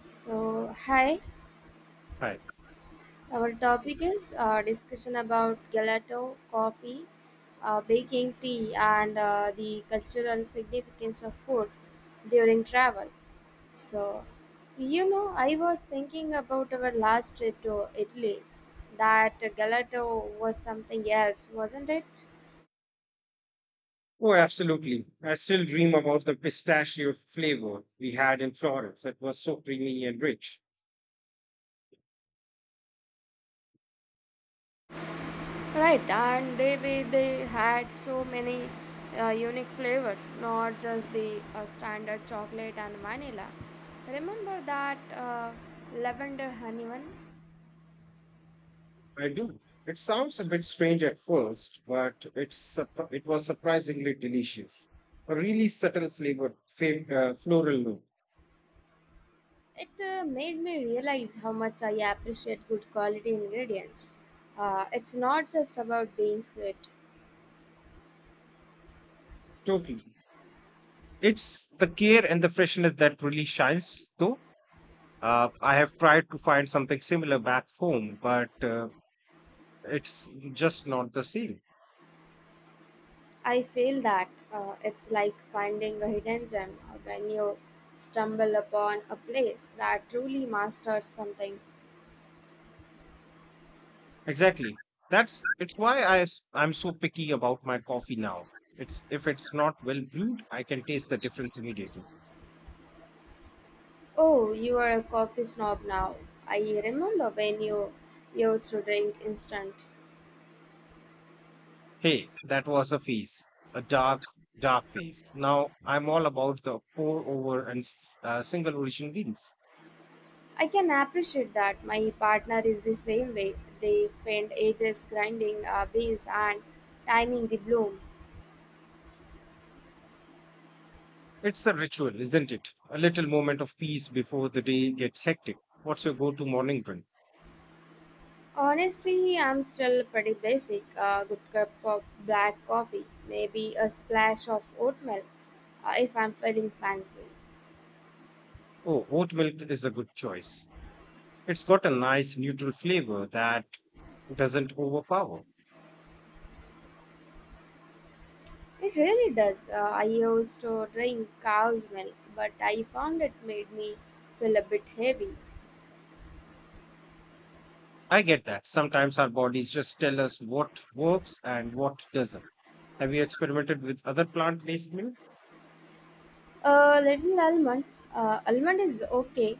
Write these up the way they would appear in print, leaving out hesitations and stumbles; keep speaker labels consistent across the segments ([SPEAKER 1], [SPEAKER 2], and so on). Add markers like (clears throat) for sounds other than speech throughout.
[SPEAKER 1] So, hi,
[SPEAKER 2] Right.
[SPEAKER 1] our topic is discussion about gelato, coffee, baking tea, and the cultural significance of food during travel. So, you know, I was thinking about our last trip to Italy. That gelato was something else, wasn't it?
[SPEAKER 2] Oh, absolutely. I still dream about the pistachio flavor we had in Florence. It was so creamy and rich.
[SPEAKER 1] Right, and they had so many unique flavors, not just the standard chocolate and vanilla. Remember that lavender honey one?
[SPEAKER 2] I do. It sounds a bit strange at first, but it was surprisingly delicious. A really subtle flavor, floral note.
[SPEAKER 1] It made me realize how much I appreciate good quality ingredients. It's not just about being sweet.
[SPEAKER 2] Totally. It's the care and the freshness that really shines, though. I have tried to find something similar back home, but it's just not the same.
[SPEAKER 1] I feel that it's like finding a hidden gem when you stumble upon a place that truly masters something.
[SPEAKER 2] Exactly. That's it's why I'm so picky about my coffee now. It's if it's not well brewed, I can taste the difference immediately.
[SPEAKER 1] Oh, you are a coffee snob now. I remember when you used to drink instant.
[SPEAKER 2] Hey, that was a phase, a dark phase. Now I'm all about the pour over and single origin beans.
[SPEAKER 1] I can appreciate that. My partner is the same way. They spend ages grinding beans and timing the bloom.
[SPEAKER 2] It's a ritual, isn't it? A little moment of peace before the day gets hectic. What's your go to morning drink?
[SPEAKER 1] Honestly, I'm still pretty basic. A good cup of black coffee, maybe a splash of oatmeal if I'm feeling fancy.
[SPEAKER 2] Oh, oat milk is a good choice. It's got a nice neutral flavor that doesn't overpower.
[SPEAKER 1] It really does. I used to drink cow's milk, but I found it made me feel a bit heavy.
[SPEAKER 2] I get that. Sometimes our bodies just tell us what works and what doesn't. Have you experimented with other plant based milk?
[SPEAKER 1] A little almond. Almond is okay,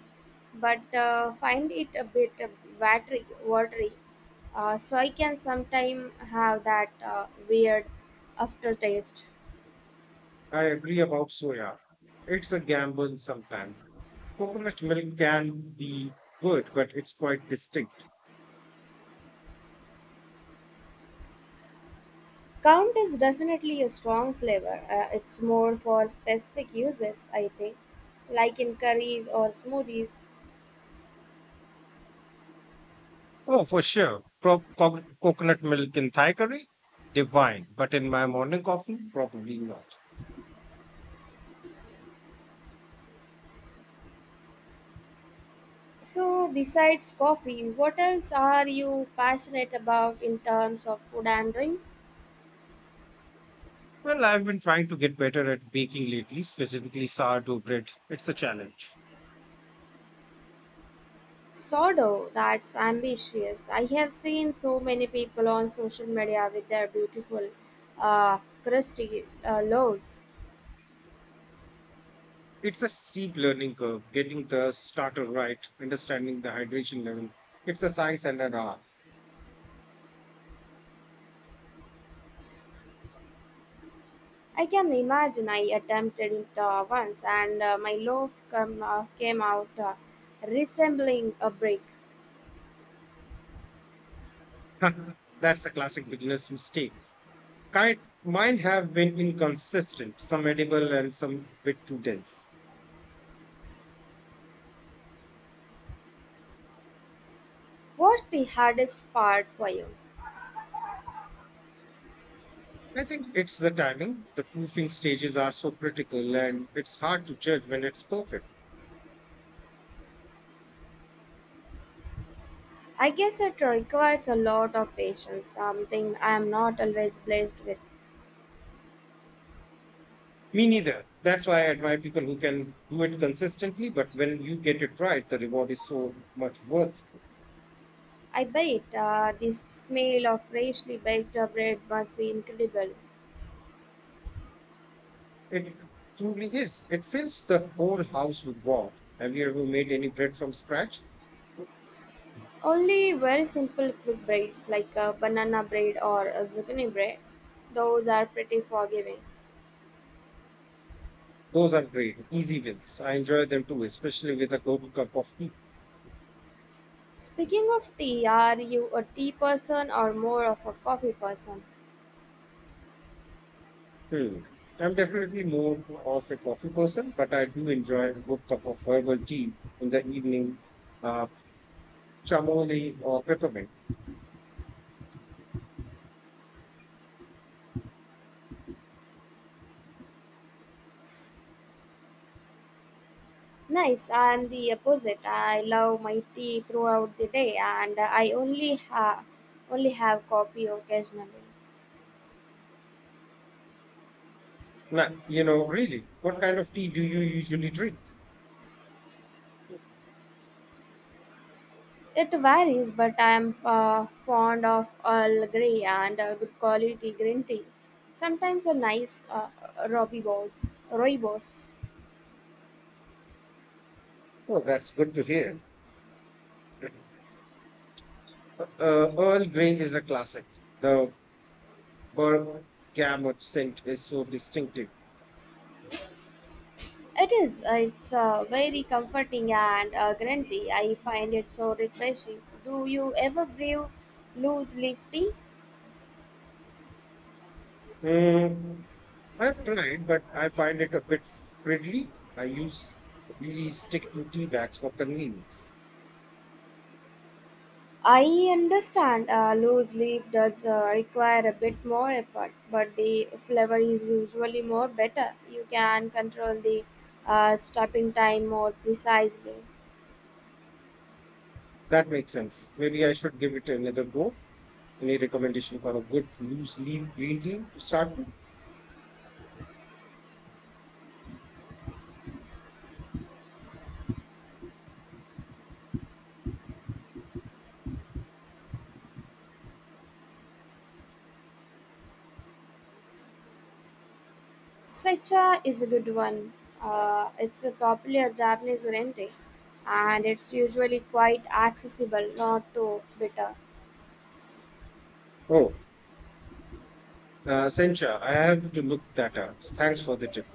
[SPEAKER 1] but find it a bit watery. So I can sometime have that weird aftertaste.
[SPEAKER 2] I agree about soya. It's a gamble sometimes. Coconut milk can be good, but it's quite distinct.
[SPEAKER 1] Count is definitely a strong flavor. It's more for specific uses, I think, like in curries or smoothies.
[SPEAKER 2] Oh, for sure. Coconut milk in Thai curry? Divine. But in my morning coffee? Probably not.
[SPEAKER 1] So besides coffee, what else are you passionate about in terms of food and drink?
[SPEAKER 2] Well, I've been trying to get better at baking lately, specifically sourdough bread. It's a challenge.
[SPEAKER 1] Sodo, that's ambitious. I have seen so many people on social media with their beautiful, crusty loaves.
[SPEAKER 2] It's a steep learning curve, getting the starter right, understanding the hydration level. It's a science and an art.
[SPEAKER 1] I can imagine I attempted it once and my came out resembling a brick.
[SPEAKER 2] (laughs) That's a classic beginner's mistake. Kind, mine have been inconsistent, some edible and some bit too dense.
[SPEAKER 1] What's the hardest part for you?
[SPEAKER 2] I think it's the timing. The proofing stages are so critical and it's hard to judge when it's perfect.
[SPEAKER 1] I guess it requires a lot of patience, something I am not always blessed with.
[SPEAKER 2] Me neither. That's why I admire people who can do it consistently, but when you get it right, the reward is so much worth.
[SPEAKER 1] I bet the smell of freshly baked bread must be incredible.
[SPEAKER 2] It truly is. It fills the whole house with warmth. Have you ever made any bread from scratch?
[SPEAKER 1] Only very simple quick breads like a banana bread or a zucchini bread. Those are pretty forgiving.
[SPEAKER 2] Those are great, easy wins. I enjoy them too, especially with a good cup of tea.
[SPEAKER 1] Speaking of tea, are you a tea person or more of a coffee person?
[SPEAKER 2] Hmm. I'm definitely more of a coffee person, but I do enjoy a good cup of herbal tea in the evening, uh, chamomile or peppermint.
[SPEAKER 1] Nice, I am the opposite. I love my tea throughout the day and I only have coffee occasionally.
[SPEAKER 2] Now, you know, really, what kind of tea do you usually drink?
[SPEAKER 1] It varies, but I am fond of Earl Grey and good quality green tea. Sometimes a nice rooibos.
[SPEAKER 2] Oh, that's good to hear. (clears throat) Earl Grey is a classic. The bergamot scent is so distinctive.
[SPEAKER 1] It is. It's very comforting and green. I find it so refreshing. Do you ever brew loose leaf tea?
[SPEAKER 2] Hmm, I've tried, but I find it a bit fiddly. I use really stick to tea bags for convenience.
[SPEAKER 1] I understand loose leaf does require a bit more effort, but the flavor is usually more better. You can control the stopping time more precisely.
[SPEAKER 2] That makes sense. Maybe I should give it another go. Any recommendation for a good loose leaf green tea to start with?
[SPEAKER 1] Seicha is a good one. It's a popular Japanese green and it's usually quite accessible, not too bitter.
[SPEAKER 2] Oh, Sencha, I have to look that up. Thanks for the tip.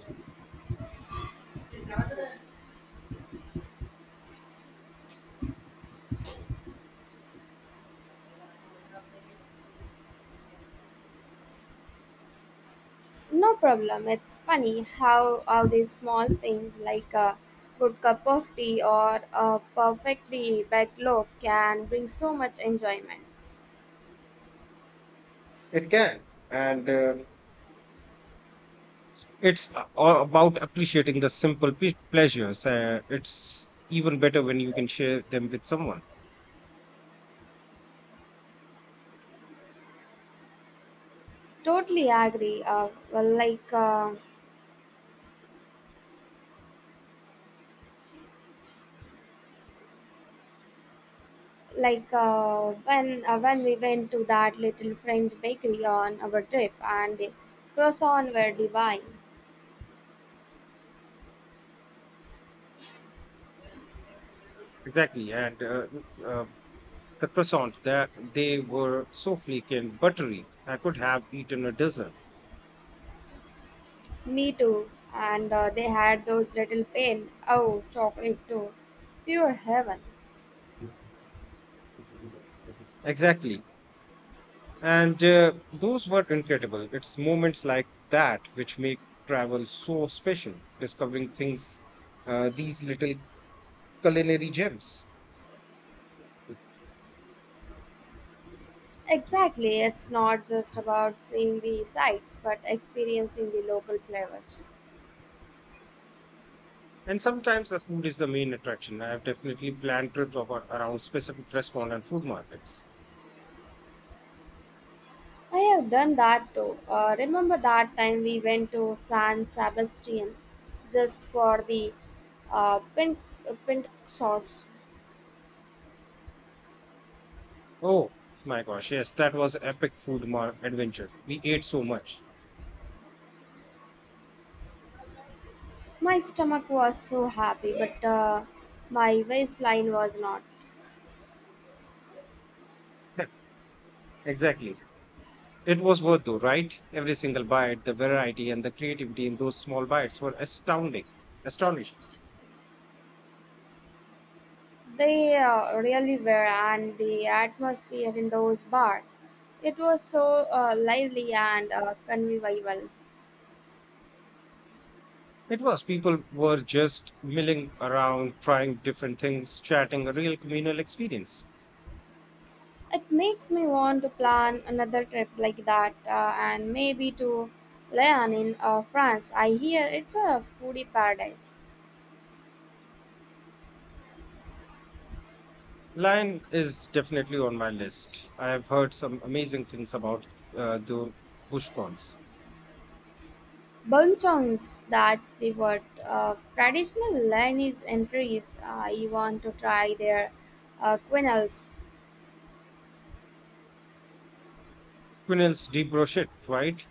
[SPEAKER 1] No problem. It's funny how all these small things like a good cup of tea or a perfectly baked loaf can bring so much enjoyment.
[SPEAKER 2] It can. And uh, all about appreciating the simple pleasures. It's even better when you can share them with someone.
[SPEAKER 1] Totally agree. Well, when we went to that little French bakery on our trip and the croissants were divine.
[SPEAKER 2] Exactly, and uh, the croissants that they were so flaky and buttery, I could have eaten a dozen.
[SPEAKER 1] Me too. And they had those little pain. Oh, chocolate too. Pure heaven.
[SPEAKER 2] Exactly, And those were incredible. It's moments like that which make travel so special, discovering things, these little culinary gems.
[SPEAKER 1] Exactly, it's not just about seeing the sights but experiencing the local flavors.
[SPEAKER 2] And sometimes the food is the main attraction. I have definitely planned trips over, around specific restaurant and food markets.
[SPEAKER 1] I have done that too. Remember that time we went to San Sebastian just for the uh, pink, pink sauce?
[SPEAKER 2] Oh my gosh, yes, that was epic adventure. We ate so much.
[SPEAKER 1] My stomach was so happy, but my waistline was not.
[SPEAKER 2] (laughs) Exactly. It was worth though, right? Every single bite, the variety and the creativity in those small bites were astonishing.
[SPEAKER 1] They really were, and the atmosphere in those bars. It was so lively and convivial.
[SPEAKER 2] It was. People were just milling around, trying different things, chatting, a real communal experience.
[SPEAKER 1] It makes me want to plan another trip like that and maybe to Lyon in France. I hear it's a foodie paradise.
[SPEAKER 2] Lion is definitely on my list. I have heard some amazing things about the bushcons.
[SPEAKER 1] Bonchons, that's the word. Traditional Lyonese entries. I want to try their quenelles.
[SPEAKER 2] Quenelles de brochette, right?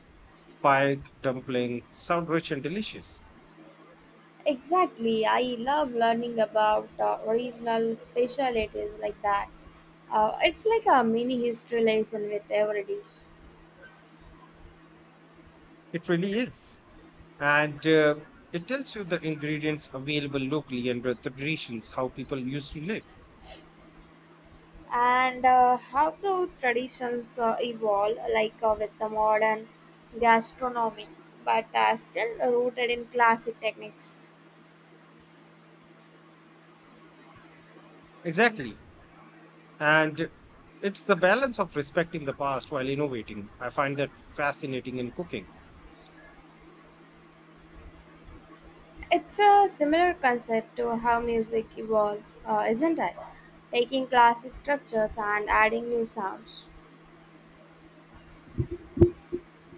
[SPEAKER 2] Pie, dumpling, sound rich and delicious.
[SPEAKER 1] Exactly. I love learning about original specialties like that. It's like a mini history lesson with every dish.
[SPEAKER 2] It really is. And It tells you the ingredients available locally and the traditions, how people used to live.
[SPEAKER 1] And how those traditions evolve, like with the modern gastronomy, but are still rooted in classic techniques.
[SPEAKER 2] Exactly. And it's the balance of respecting the past while innovating. I find that fascinating in cooking.
[SPEAKER 1] It's a similar concept to how music evolves, isn't it, taking classic structures and adding new sounds.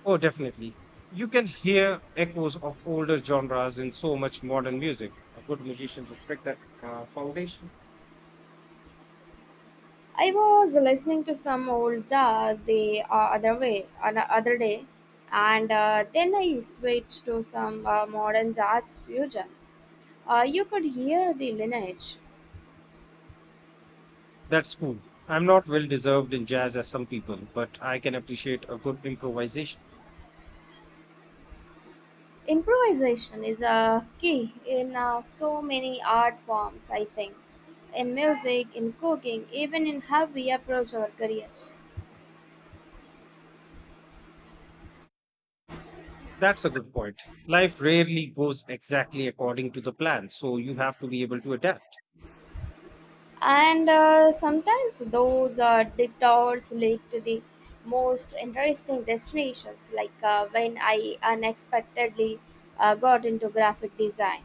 [SPEAKER 2] Oh, definitely. You can hear echoes of older genres in so much modern music. A good musician respect that foundation.
[SPEAKER 1] I was listening to some old jazz the other way on the other day, and then I switched to some modern jazz fusion. You could hear the lineage.
[SPEAKER 2] That's cool. I'm not well deserved in jazz as some people, but I can appreciate a good improvisation.
[SPEAKER 1] Improvisation is a key in so many art forms, I think, in music, in cooking, even in how we approach our careers.
[SPEAKER 2] That's a good point. Life rarely goes exactly according to the plan, so you have to be able to adapt.
[SPEAKER 1] And sometimes those detours lead to the most interesting destinations, like when I unexpectedly got into graphic design.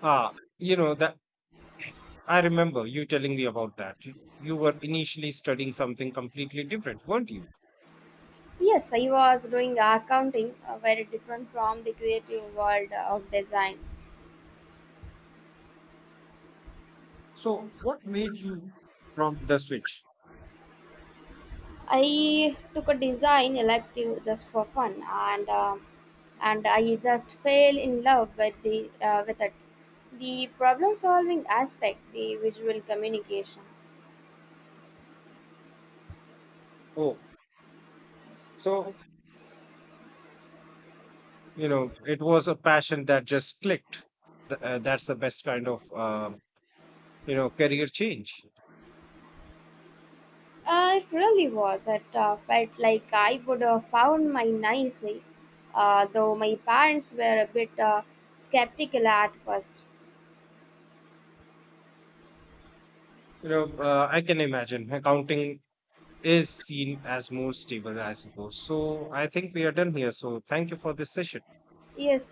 [SPEAKER 2] Ah, you know that I remember you telling me about that. You were initially studying something completely different, weren't you?
[SPEAKER 1] Yes, I was doing accounting, very different from the creative world of design.
[SPEAKER 2] So what made you prompt the switch?
[SPEAKER 1] I took a design elective just for fun, and I just fell in love with the with it. The problem solving aspect, the visual communication.
[SPEAKER 2] Oh, so you know it was a passion that just clicked. That's the best kind of career change.
[SPEAKER 1] It really was. It felt like I would have found my nice, though my parents were a bit skeptical at first.
[SPEAKER 2] You know, I can imagine accounting is seen as more stable, I suppose. So I think we are done here. So thank you for this session.
[SPEAKER 1] Yes,